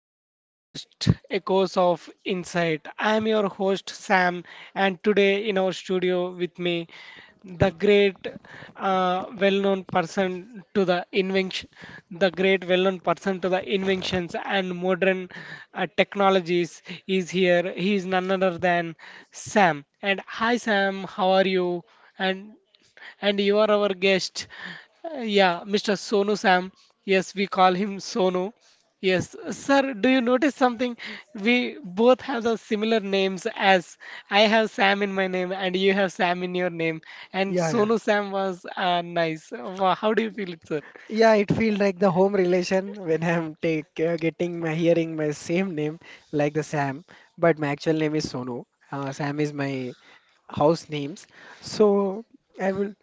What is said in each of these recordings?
our podcast Echoes of Insight. I am your host Sam, and today in our studio with me, the great, uh, well-known person to the invention, the great well-known person to the inventions and modern technologies is here. He is none other than Sam. And hi Sam, how are you? And and you are our guest, yeah, Mr. Sonu Sam. Yes, we call him Sonu. Yes, sir, do you notice something? We both have the similar names as I have Sam in my name and you have Sam in your name. And Yeah, yeah. Sonu Sam was nice. Wow, how do you feel it, sir? Yeah, it feels like the home relation when I'm take getting my hearing my same name like the Sam, but my actual name is Sonu. Sam is my house names. So I will.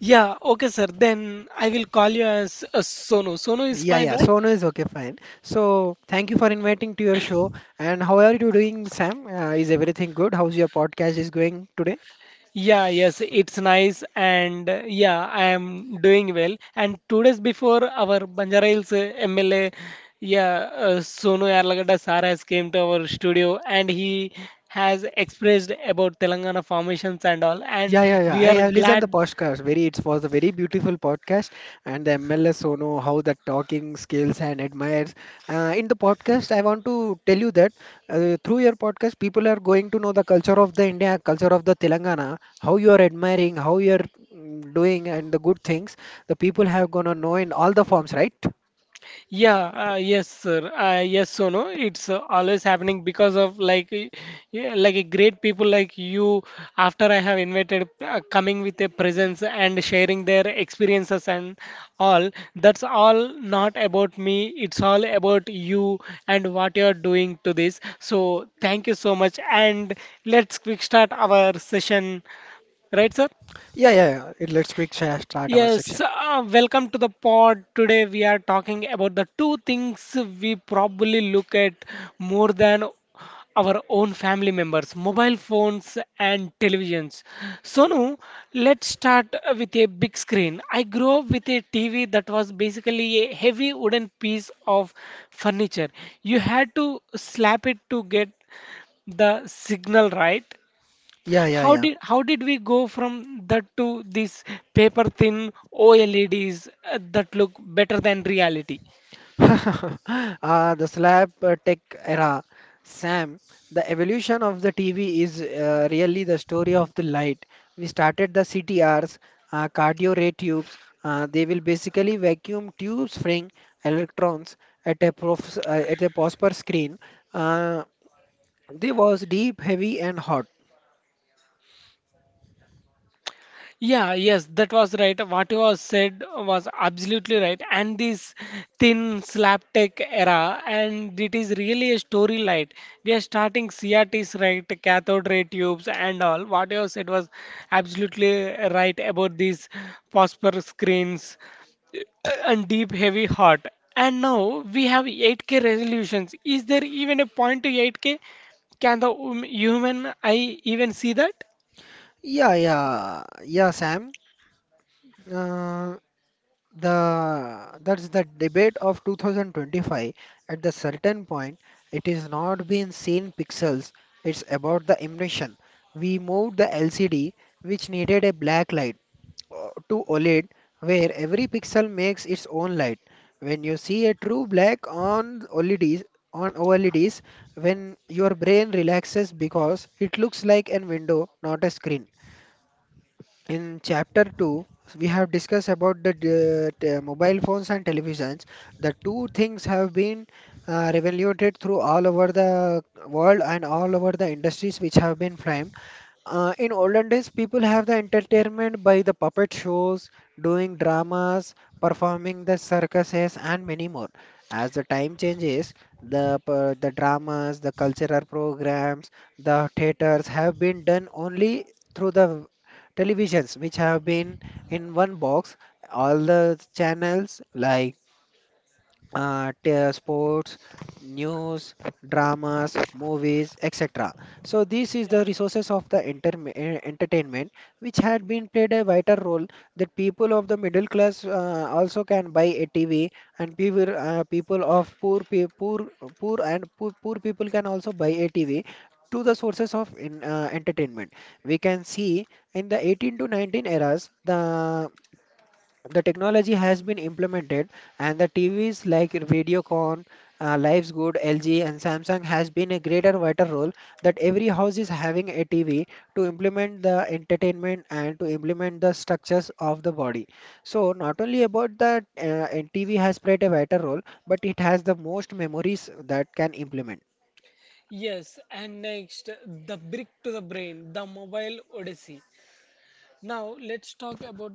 Yeah, okay, sir. Then I will call you as Sonu. Sonu is Yeah, fine, yeah. right? Sonu is okay, fine. So thank you for inviting to your show. And how are you doing, Sam? Is everything good? How's your podcast is going today? Yeah, yes, it's nice, and yeah, I am doing well. And two days before our Banjara Hills MLA, yeah, Sonu Yarlagadda sir has came to our studio, and he has expressed about Telangana formations and all. And Yeah, yeah, yeah. we I are have listened the glad. podcast. It was a very beautiful podcast, and the MLS Sono, how the talking skills and admires. In the podcast, I want to tell you that through your podcast, people are going to know the culture of the India, culture of the Telangana, how you are admiring, how you are doing, and the good things. The people have gonna know in all the forms, right? Yeah, yes, sir. Yes, Sono. It's always happening because of like, like a great people like you. After I have invited, coming with a presence and sharing their experiences and all. That's all not about me. It's all about you and what you're doing to this. So thank you so much. And let's quick start our session, right, sir? Yeah, yeah, yeah. Let's quick start our Yes, section. Welcome to the pod. Today we are talking about the two things we probably look at more than our own family members, mobile phones and televisions. Sonu, let's start with a big screen. I grew up with a TV that was basically a heavy wooden piece of furniture. You had to slap it to get the signal right. Yeah, yeah, How yeah. did how did we go from that to these paper thin OLEDs that look better than reality? The slap tech era, Sam, the evolution of the TV is really the story of the light. We started the CTRs, cardio ray tubes. They will basically vacuum tubes freeing electrons at a phosphor screen. Uh, they was deep, heavy, and hot. Yeah, yes, that was right. What you was said was absolutely right. And this thin slapstick era, and it is really a story light. We are starting CRTs, right? Cathode ray tubes and all. What you have said was absolutely right about these phosphor screens and deep heavy heart. And now we have 8K resolutions. Is there even a point to 8K? Can the human eye even see that? Yeah, yeah, yeah, Sam. Uh, the that's the debate of 2025. At the certain point, it is not being seen pixels. It's about the impression. We moved the lcd, which needed a black light, to oled where every pixel makes its own light. When you see a true black on oleds, when your brain relaxes, because it looks like a window, not a screen. In chapter 2, we have discussed about the mobile phones and televisions. The two things have been revoluted through all over the world and all over the industries which have been framed. In olden days, people have the entertainment by the puppet shows, doing dramas, performing the circuses, and many more. As the time changes, the p- the dramas, the cultural programs, the theaters have been done only through the televisions, which have been in one box. All the channels like sports, news, dramas, movies, etc. So this is the resources of the entertainment, which had been played a vital role that people of the middle class also can buy a TV, and people of poor pe- poor poor and poor, poor people can also buy a TV. To the sources of entertainment, we can see in the 18 to 19 eras the technology has been implemented, and the TVs like Videocon, Life's Good, LG and Samsung has been a greater vital role that every house is having a TV to implement the entertainment and to implement the structures of the body. So not only about that and TV has played a vital role, but it has the most memories that can implement. Yes, and next, the brick to the brain, the mobile odyssey. Now let's talk about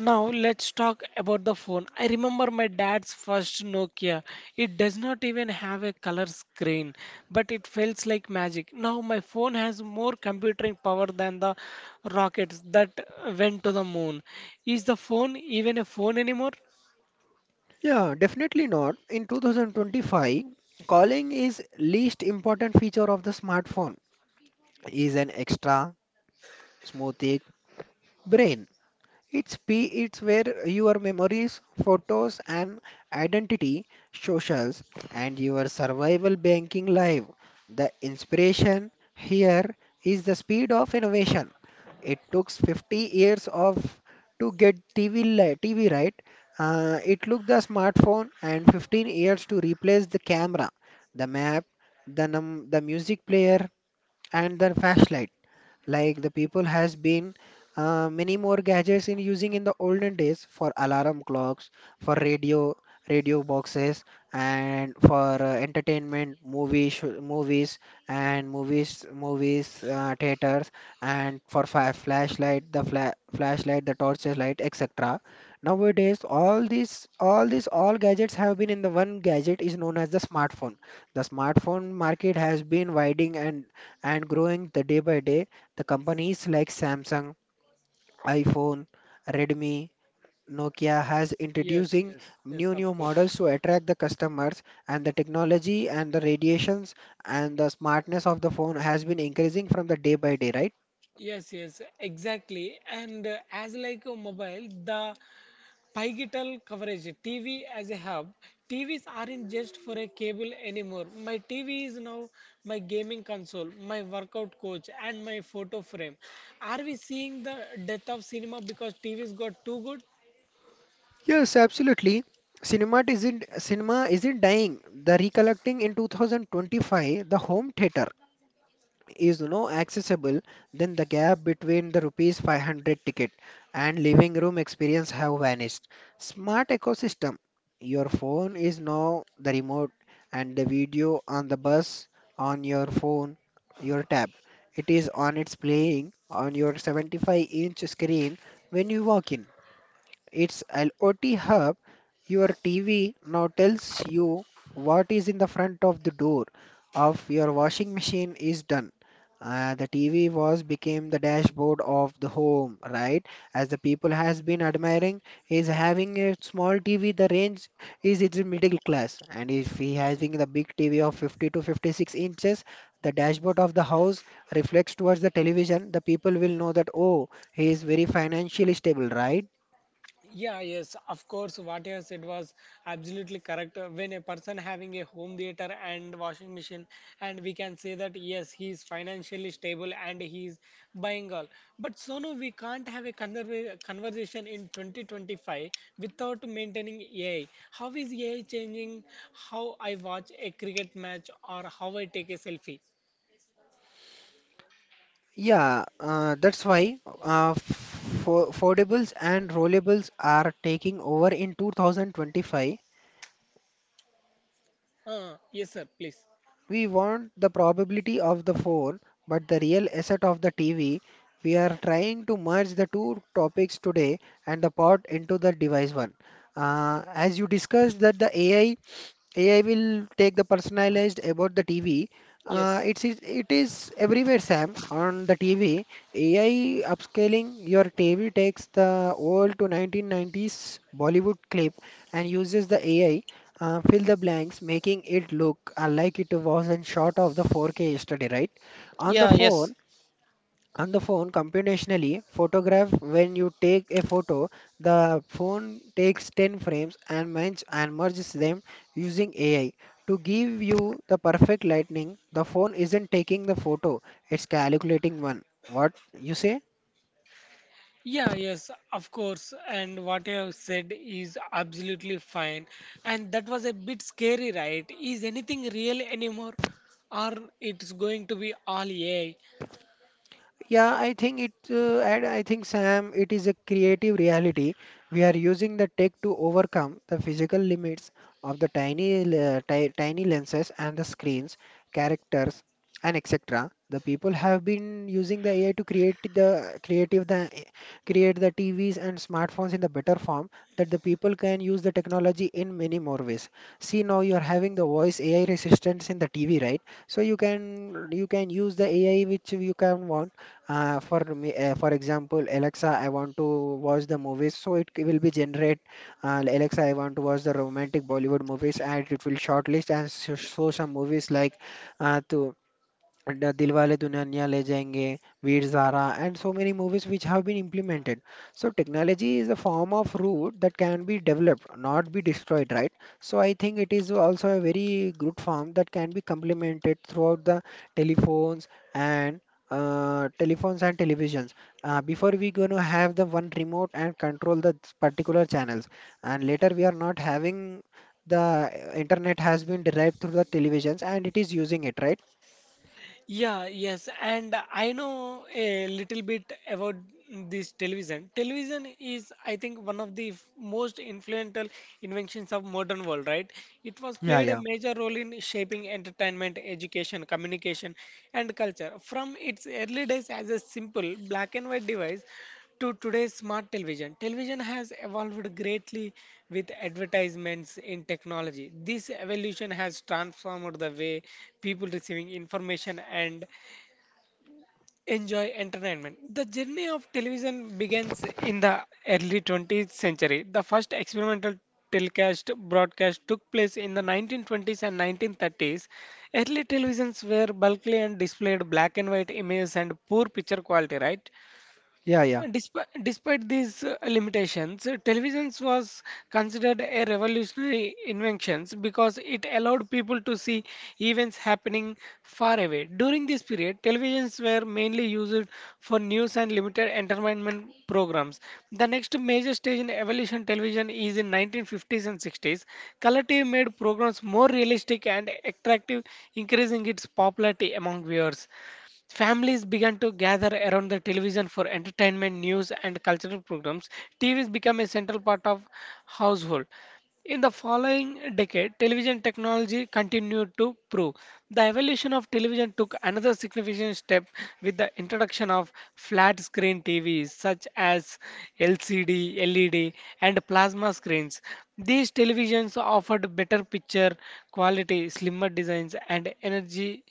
now let's talk about the phone. I remember my dad's first Nokia. It does not even have a color screen, but it feels like magic. Now my phone has more computing power than the rockets that went to the moon. Is the phone even a phone anymore? Yeah, definitely not. In 2025, calling is least important feature of the smartphone is an extra smooth brain. It's where your memories, photos, and identity, socials, and your survival banking live. The inspiration here is the speed of innovation. It took 50 years of to get TV right. It took the smartphone and 15 years to replace the camera, the map, the music player, and the flashlight, like the people has been, many more gadgets in using in the olden days, for alarm clocks, for radio boxes, and for entertainment, movies, and movies movies theaters, and for fi flashlight the fla flashlight the torches light, etc. Nowadays, all these all gadgets have been in the one gadget is known as the smartphone. The smartphone market has been widening and growing the day by day. The companies like Samsung, iPhone, Redmi, Nokia has Yes, introducing yes, yes, new of new course. models to attract the customers, and the technology, and the radiations, and the smartness of the phone has been increasing from the day by day, right? Yes, yes, exactly. And as like a mobile, the pivotal coverage TV as a hub. TVs aren't just for a cable anymore. My TV is now my gaming console, my workout coach, and my photo frame. Are we seeing the death of cinema because TVs got too good? Yes, absolutely. Cinema isn't dying. The recollecting in 2025, the home theater is accessible. Then the gap between the rupees 500 ticket and living room experience have vanished. Smart ecosystem, your phone is now the remote, and the video on the bus on your phone, your tab, it is on its playing on your 75-inch screen. When you walk in, it's IoT Hub. Your TV now tells you what is in the front of the door of your washing machine is done. The TV was became the dashboard of the home, right? As the people has been admiring, is having a small TV. The range is it's middle class, and if he having the big TV of 50 to 56 inches, the dashboard of the house reflects towards the television. The people will know that, oh, he is very financially stable, right? Yeah, yes, of course. What you have said was absolutely correct. When a person having a home theater and washing machine, and we can say that yes, he is financially stable and he is buying all. But Sonu, we can't have a conversation in 2025 without maintaining AI. How is AI changing how I watch a cricket match or how I take a selfie? Yeah, that's why fo foldables and rollables are taking over in 2025. Yes, sir, please. We want the probability of the phone, but the real asset of the TV. We are trying to merge the two topics today and the pod into the device one. As you discussed that the AI will take the personalized about the TV. Uh, Yes. it's it is it is everywhere, Sam. On the TV, AI upscaling your TV takes the old to 1990s Bollywood clip and uses the AI, fill the blanks, making it look, like it was in shot of the 4K yesterday, right? On the Yeah, phone, yes. on the phone computationally photograph, when you take a photo, the phone takes 10 frames and merges them using ai to give you the perfect lighting. The phone isn't taking the photo, it's calculating one. What you say? Yeah, yes, of course. And what you have said is absolutely fine. And that was a bit scary, right? Is anything real anymore? Or it's going to be all AI? Yeah, I think, Sam, it is a creative reality. We are using the tech to overcome the physical limits of the tiny lenses and the screens, characters, and etc. The people have been using the AI to create the TVs and smartphones in the better form that the people can use the technology in many more ways. See now you are having the voice AI assistants in the TV, right? So you can use the AI which you can want, for me, for example, Alexa, I want to watch the movies, so it will be generate, Alexa, I want to watch the romantic Bollywood movies, and it will shortlist and so show some movies like, to and Dilwale Dulhania Le Jayenge, Veer Zara, and so many movies which have been implemented. So technology is a form of route that can be developed, not be destroyed, right? So I think it is also a very good form that can be complemented throughout the telephones and telephones and televisions. Before we gonna have the one remote and control the particular channels, and later we are not having the internet has been derived through the televisions and it is using it, right? Yeah, yes, and I know a little bit about this television. Television is, I think, one of the most influential inventions of modern world, right? It was Yeah, played a yeah. major role in shaping entertainment, education, communication, and culture. From its early days as a simple black and white device to today's smart television. Television has evolved greatly with advertisements in technology. This evolution has transformed the way people receiving information and enjoy entertainment. The journey of television begins in the early 20th century. The first experimental telecast broadcast took place in the 1920s and 1930s. Early televisions were bulky and displayed black and white images and poor picture quality, right? Yeah, yeah, Despite these limitations, television was considered a revolutionary invention because it allowed people to see events happening far away. During this period, televisions were mainly used for news and limited entertainment programs. The next major stage in evolution television is in 1950s and 60s. Color TV made programs more realistic and attractive, increasing its popularity among viewers. Families began to gather around the television for entertainment, news, and cultural programs. TVs became a central part of household. In the following decade, television technology continued to prove. The evolution of television took another significant step with the introduction of flat screen TVs such as LCD, LED, and plasma screens. These televisions offered better picture quality, slimmer designs, and energy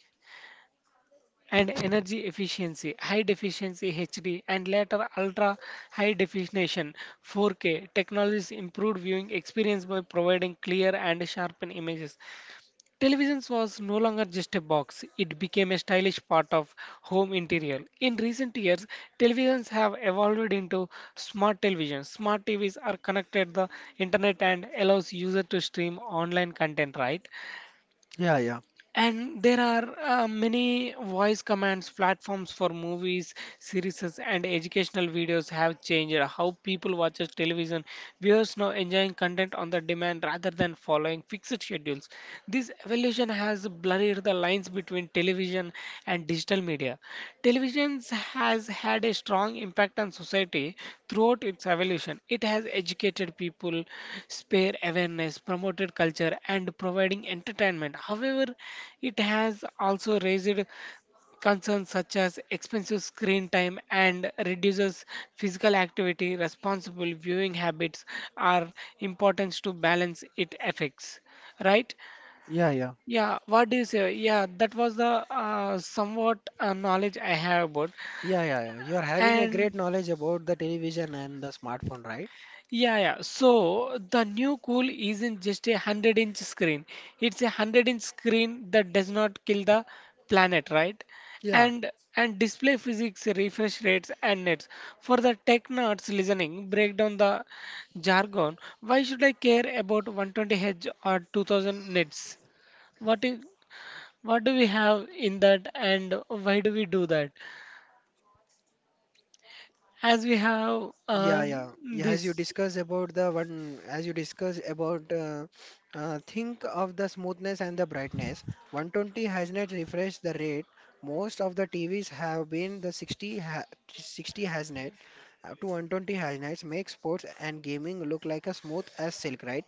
and energy efficiency, high definition HD, and later ultra high definition 4K technologies improved viewing experience by providing clear and sharpened images. Television was no longer just a box, it became a stylish part of home interior. In recent years, televisions have evolved into smart television. Smart TVs are connected the internet and allows user to stream online content, right? yeah, yeah, And there are many voice commands platforms for movies, series, and educational videos have changed how people watches television. Viewers now enjoying content on the demand rather than following fixed schedules. This evolution has blurred the lines between television and digital media. Television has had a strong impact on society throughout its evolution. It has educated people, spare awareness, promoted culture, and providing entertainment. However, it has also raised concerns such as expensive screen time and reduces physical activity. Responsible viewing habits are important to balance its effects. Right? yeah, yeah, Yeah, what do you say? Yeah, that was the somewhat knowledge I have about. yeah, yeah, yeah. You're having a And great knowledge about the television and the smartphone, right? yeah, yeah. So the new cool isn't just a 100-inch screen. It's a 100-inch screen that does not kill the planet, right? Yeah, And and display physics, refresh rates, and nets. For the tech nerds listening, break down the jargon. Why should I care about 120 Hz or 2000 nits? What is? What do we have in that, and why do we do that? As we have Yeah, yeah, yeah. yeah. Yeah, Yeah, this, as you discuss about the one, as you discuss about, think of the smoothness and the brightness. 120 has not refreshed the rate. Most of the TVs have been the 60 has not. Up to 120 has nets make sports and gaming look like a smooth as silk, right?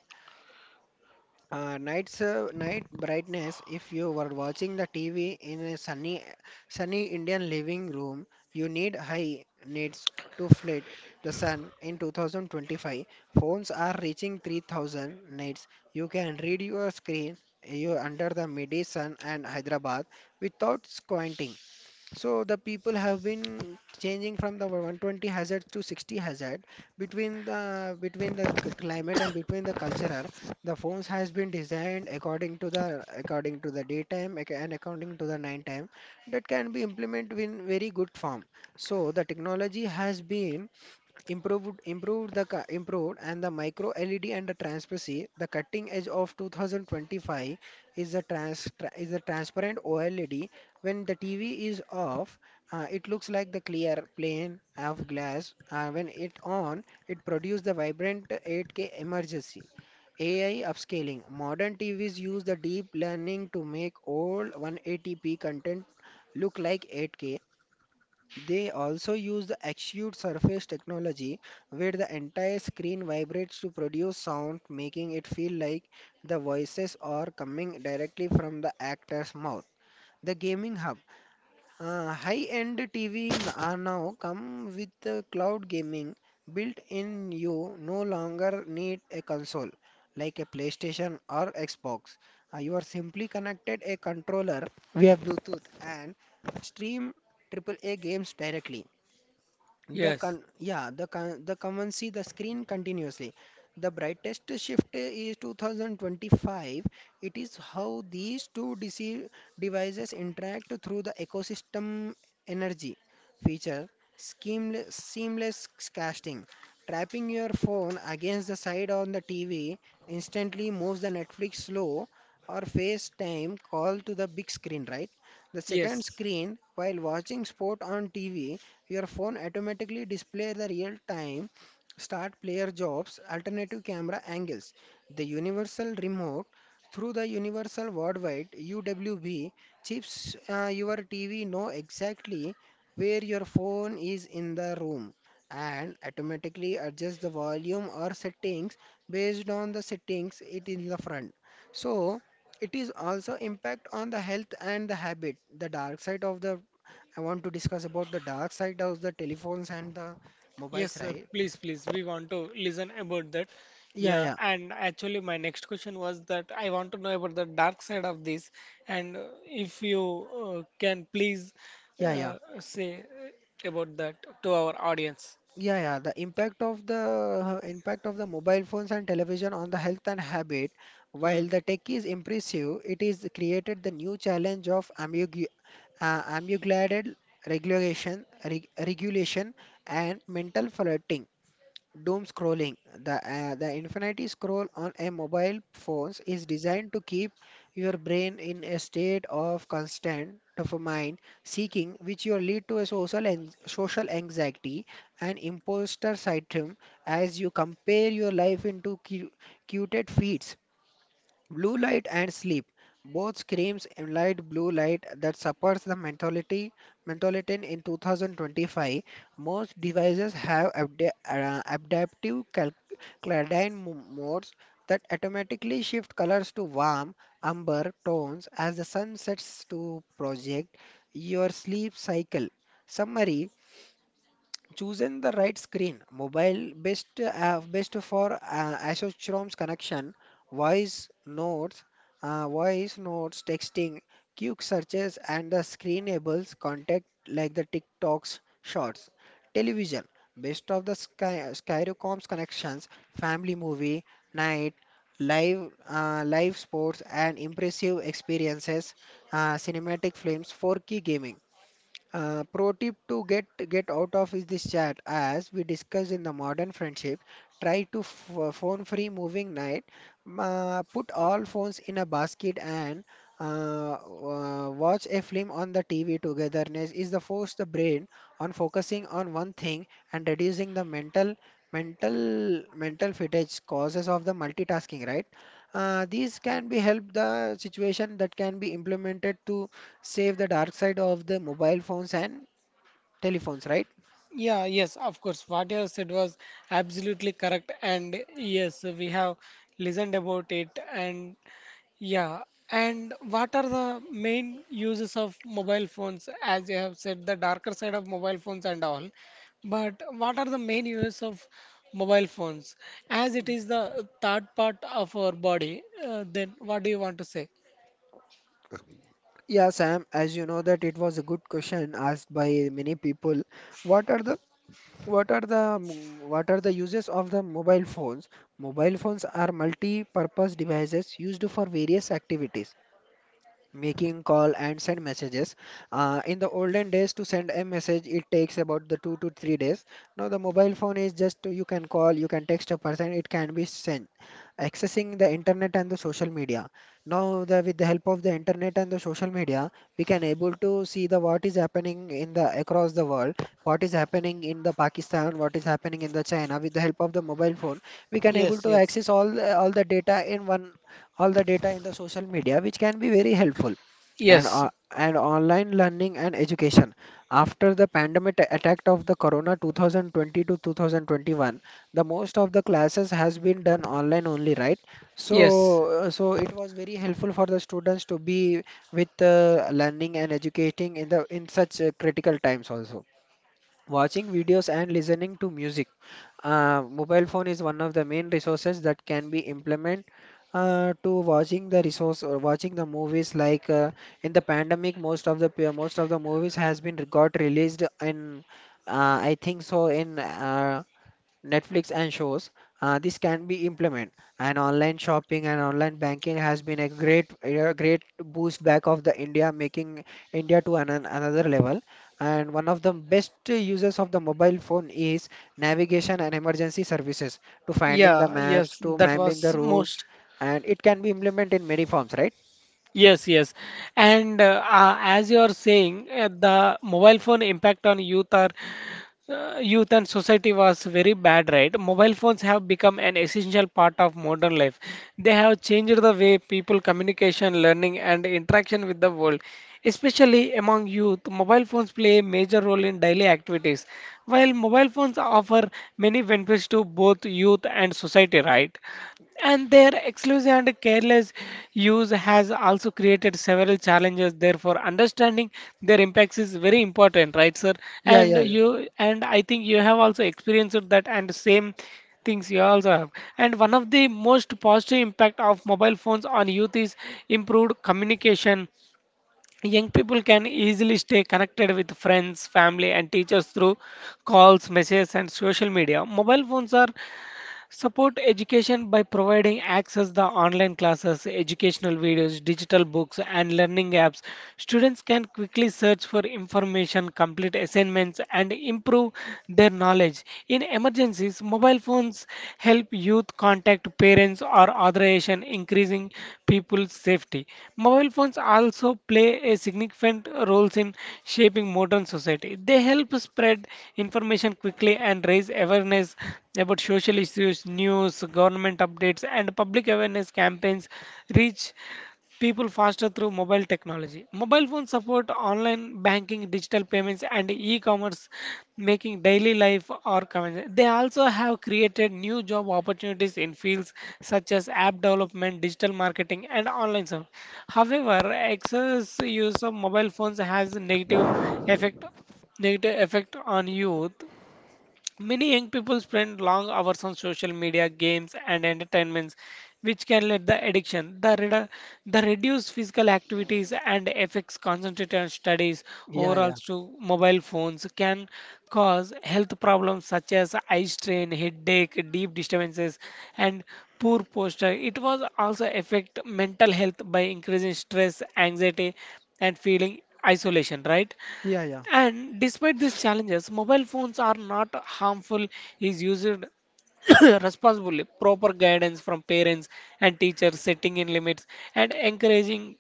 Night brightness. If you were watching the TV in a sunny, sunny Indian living room, you need high needs to flood the sun. In 2025, phones are reaching 3,000 nits. You can read your screen. You under the midi sun and Hyderabad without squinting. So the people have been changing from the 120 hazard to 60 hazard climate and between the cultural. The phones has been designed according to the daytime and according to the nighttime that can be implemented in very good form. So the technology has been improved and the micro LED and the transparency. The cutting edge of 2025 is the transparent OLED. When the TV is off, it looks like the clear plain of glass. When it on, it produces the vibrant 8K emergency. AI upscaling. Modern TVs use the deep learning to make old 180p content look like 8K. They also use the Acute Surface technology, where the entire screen vibrates to produce sound, making it feel like the voices are coming directly from the actor's mouth. The gaming hub. High-end TV are now come with the cloud gaming built in. You no longer need a console like a PlayStation or Xbox. You are simply connected a controller via Bluetooth and stream triple A games directly. The con yes, yeah, the con the common see the screen continuously. The brightest shift is 2025. It is how these two devices interact through the ecosystem energy feature, seamless casting. Trapping your phone against the side on the TV instantly moves the Netflix slow or FaceTime call to the big screen, right? The second yes, screen, while watching sport on TV, your phone automatically display the real time start player jobs, alternative camera angles. The universal remote through the universal worldwide UWB chips, your TV know exactly where your phone is in the room and automatically adjust the volume or settings based on the settings it in the front, so it is also impact on the health and the habit. The dark side of the I want to discuss about the dark side of the telephones and the yes, mobiles, sir. right? Please, please, we want to listen about that. Yeah, Yeah, yeah, and actually, my next question was that I want to know about the dark side of this, and if you can please yeah, yeah, say about that to our audience. yeah, yeah. The impact of the mobile phones and television on the health and habit. Hmm. While the tech is impressive, it is created the new challenge of ambiguous regulation, and mental flooding. Doom scrolling. The infinity scroll on a mobile phones is designed to keep your brain in a state of constant dopamine seeking, which will lead to a social anxiety and imposter syndrome as you compare your life into curated feeds. Blue light and sleep. Both screams implied blue light that supports the mentality mentholatin in 2025. Most devices have adaptive cladine modes that automatically shift colors to warm, amber tones as the sun sets to project your sleep cycle. Summary chosen the right screen mobile best for Asochrome's connection, voice notes uh, voice notes, texting, quick searches and the screen enables contact like the TikToks shorts. Television best of the Skyrocom's connections, family movie night, live sports and impressive experiences, cinematic films for key gaming. Pro tip to get out of is this chat, as we discussed in the modern friendship, try to phone free moving night. Put all phones in a basket and watch a film on the tv togetherness is the force the brain on focusing on one thing and reducing the mental fatigue causes of the multitasking, right? These can be help the situation that can be implemented to save the dark side of the mobile phones and telephones, right? Yeah, yes, of course. What you have said was absolutely correct, and yes, we have listened about it. And yeah, and what are the main uses of mobile phones? As you have said, the darker side of mobile phones and all. But what are the main uses of mobile phones? As it is the third part of our body, then what do you want to say? Yeah, Sam, as you know that it was a good question asked by many people. What are the what are the mm, what are the uses of the mobile phones? Mobile phones are multi-purpose devices used for various activities. Making call and send messages. In the olden days to send a message it takes about the 2 to 3 days. Now the mobile phone is just you can call, you can text a person, it can be sent. Accessing the internet and the social media. Now with the help of the internet and the social media, we can able to see the what is happening in the across the world, what is happening in the Pakistan, what is happening in the China, with the help of the mobile phone we can able Yes, to yes. access all the data in one, all the data in the social media, which can be very helpful. and Yes, o- and online learning and education. After the pandemic attack of the corona 2020 to 2021, the most of the classes has been done online only, right? yes, So it was very helpful for the students to be with learning and educating in the in such critical times also. Watching videos and listening to music. Mobile phone is one of the main resources that can be implement to watching the resource or watching the movies. Like in the pandemic, most of the movies has been got released in, I think so, in Netflix and shows, this can be implemented. And online shopping and online banking has been a great boost back of the India, making India to another level. And one of the best uses of the mobile phone is navigation and emergency services to finding the yeah, maps, yes, to that mapping the was routes, most. and it can be implemented in many forms, right? Yes, yes. And as you are saying, the mobile phone impact on youth are youth and society was very bad, right? Mobile phones have become an essential part of modern life. They have changed the way people communication, learning, and interaction with the world. Especially among youth, mobile phones play a major role in daily activities. While mobile phones offer many benefits to both youth and society, right? And their exclusive and careless use has also created several challenges. Therefore, understanding their impacts is very important, right, sir? Yeah, And yeah, you and I think you have also experienced that and same things you also have. And one of the most positive impact of mobile phones on youth is improved communication. Young people can easily stay connected with friends, family, and teachers through calls, messages, and social media. Mobile phones are support education by providing access to online classes, educational videos, digital books, and learning apps. Students can quickly search for information, complete assignments, and improve their knowledge. In emergencies, mobile phones help youth contact parents or authorization, increasing people's safety. Mobile phones also play a significant role in shaping modern society. They help spread information quickly and raise awareness about social issues, news, government updates, and public awareness campaigns reach people faster through mobile technology. Mobile phones support online banking, digital payments, and e commerce, making daily life or convenient. They also have created new job opportunities in fields such as app development, digital marketing, and online service. However, excess use of mobile phones has a effect negative effect on youth. Many young people spend long hours on social media, games, and entertainments, which can lead to addiction. The reduced physical activities and affects concentration studies yeah, overall yeah, to mobile phones can cause health problems such as eye strain, headache, deep disturbances, and poor posture. It was also affect mental health by increasing stress, anxiety, and feeling isolation. Right? yeah, yeah, And despite these challenges, mobile phones are not harmful is used responsibly. Proper guidance from parents and teachers, setting in limits and encouraging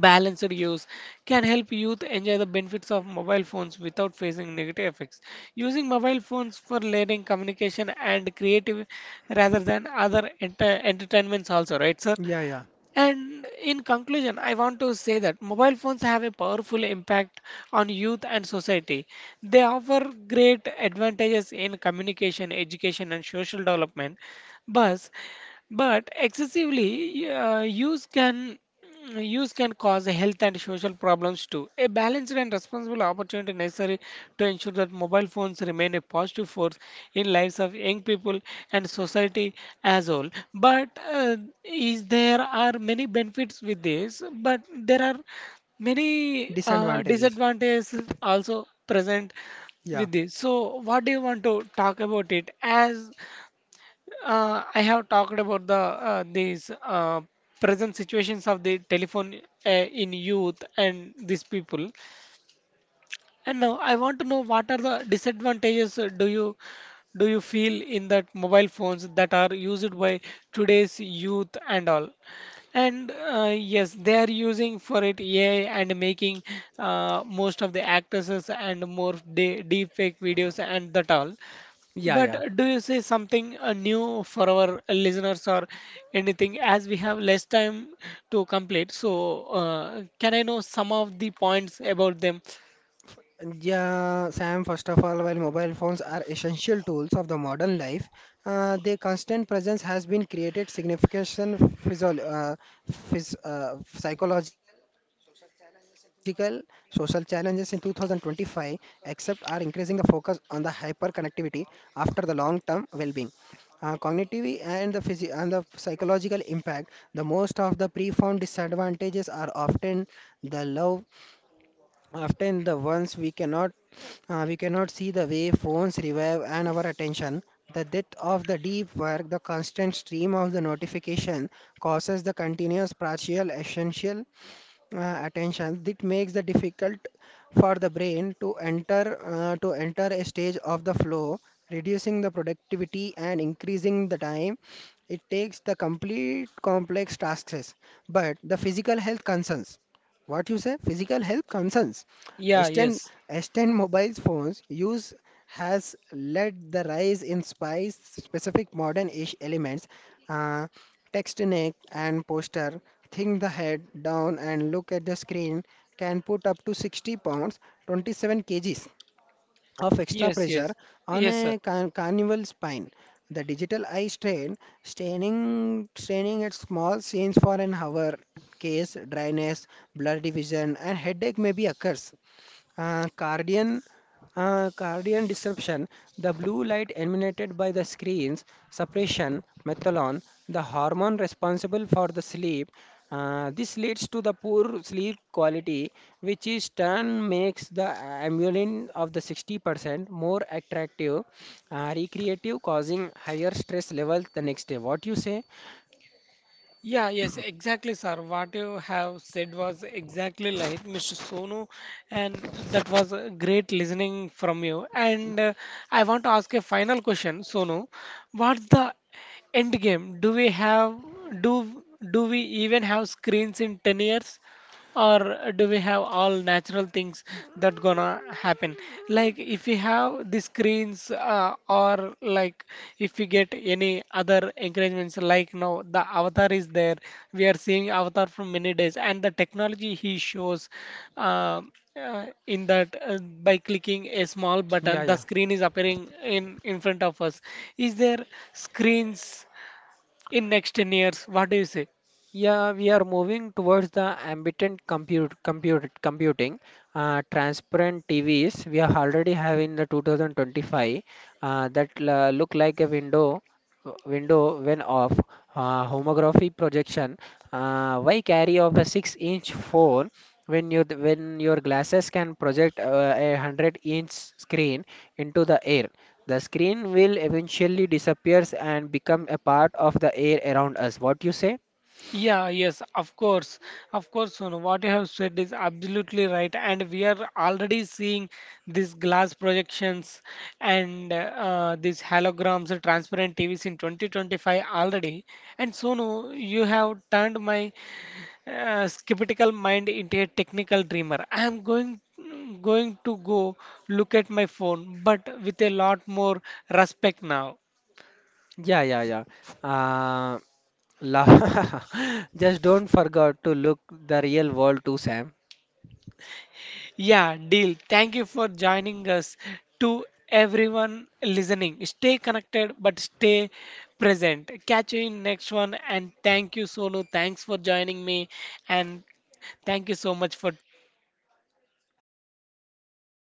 balanced use can help youth enjoy the benefits of mobile phones without facing negative effects. Using mobile phones for learning, communication and creative rather than other entertainments also, right, sir? yeah, yeah. And in conclusion, I want to say that mobile phones have a powerful impact on youth and society. They offer great advantages in communication, education, and social development. But but excessively use can cause health and social problems too. A balanced and responsible opportunity necessary to ensure that mobile phones remain a positive force in lives of young people and society as whole. But is there are many benefits with this, but there are many Disadvantages. disadvantages also present Yeah, with this. So what do you want to talk about it as I have talked about the these uh, present situations of the telephone uh, in youth and these people. And now I want to know what are the disadvantages do you feel in that mobile phones that are used by today's youth and all? And yes, they are using for it AI and making most of the actresses and more de deep fake videos and that all. Yeah. yeah, But yeah. Do you say something new for our listeners or anything? As we have less time to complete, so can I know some of the points about them? Yeah, Sam, first of all, while mobile phones are essential tools of the modern life, their constant presence has been created significant physio- uh, psychological, social challenges in 2025, except are increasing the focus on the hyperconnectivity after the long-term well-being, cognitive and the psychological impact. The most of the profound disadvantages are often the low, often the ones we cannot, we cannot see the way phones revive and our attention. The depth of the deep work, the constant stream of the notification causes the continuous partial essential attention that makes the difficult for the brain to enter, to enter a stage of the flow, reducing the productivity and increasing the time it takes the complete complex tasks. But the physical health concerns, what you say? Physical health concerns: Yeah, S10, yes, S10 mobile phones use has led the rise in spice specific modern ish elements. uh, Text neck and poster, think the head down and look at the screen, can put up to 60 pounds, 27 kgs of extra yes, pressure yes, on yes, sir. a carnival spine. The digital eye strain, straining straining at small scenes for an hour, case dryness, blurry vision and headache may be occurs. Uh, cardian, uh, cardian disruption, the blue light emanated by the screens, suppression, methylone, the hormone responsible for the sleep. This leads to the poor sleep quality, which in turn makes the amylin of the 60% more attractive, recreative, causing higher stress levels the next day. What you say? Yeah, yes, exactly, sir. What you have said was exactly like Mr. Sonu, and that was a great listening from you. And I want to ask a final question, Sonu. What's the end game? Do do we even have screens in 10 years? Or do we have all natural things that gonna happen, like if we have the screens or like if we get any other encouragements like now the avatar is there, we are seeing avatar from many days and the technology he shows, uh, in that, by clicking a small Yeah, button the yeah. screen is appearing in front of us. Is there screens in next 10 years, what do you say? Yeah, we are moving towards the ambient computing, transparent TVs we are already having the 2025, look like a window, window when off. Homography projection. Why carry of a 6-inch phone when your glasses can project, a 100-inch screen into the air? The screen will eventually disappears and become a part of the air around us. What you say? Yeah, yes, of course. Of course, Sonu, what you have said is absolutely right. And we are already seeing these glass projections and these holograms, and transparent TVs in 2025 already. And Sonu, you have turned my skeptical mind into a technical dreamer. I am going to go look at my phone, but with a lot more respect now. Yeah, yeah, yeah. Uh, la- just don't forget to look the real world too, Sam. Yeah, deal. Thank you for joining us. To everyone listening, stay connected but stay present. Catch you in next one and thank you Sonu. Thanks for joining me and thank you so much for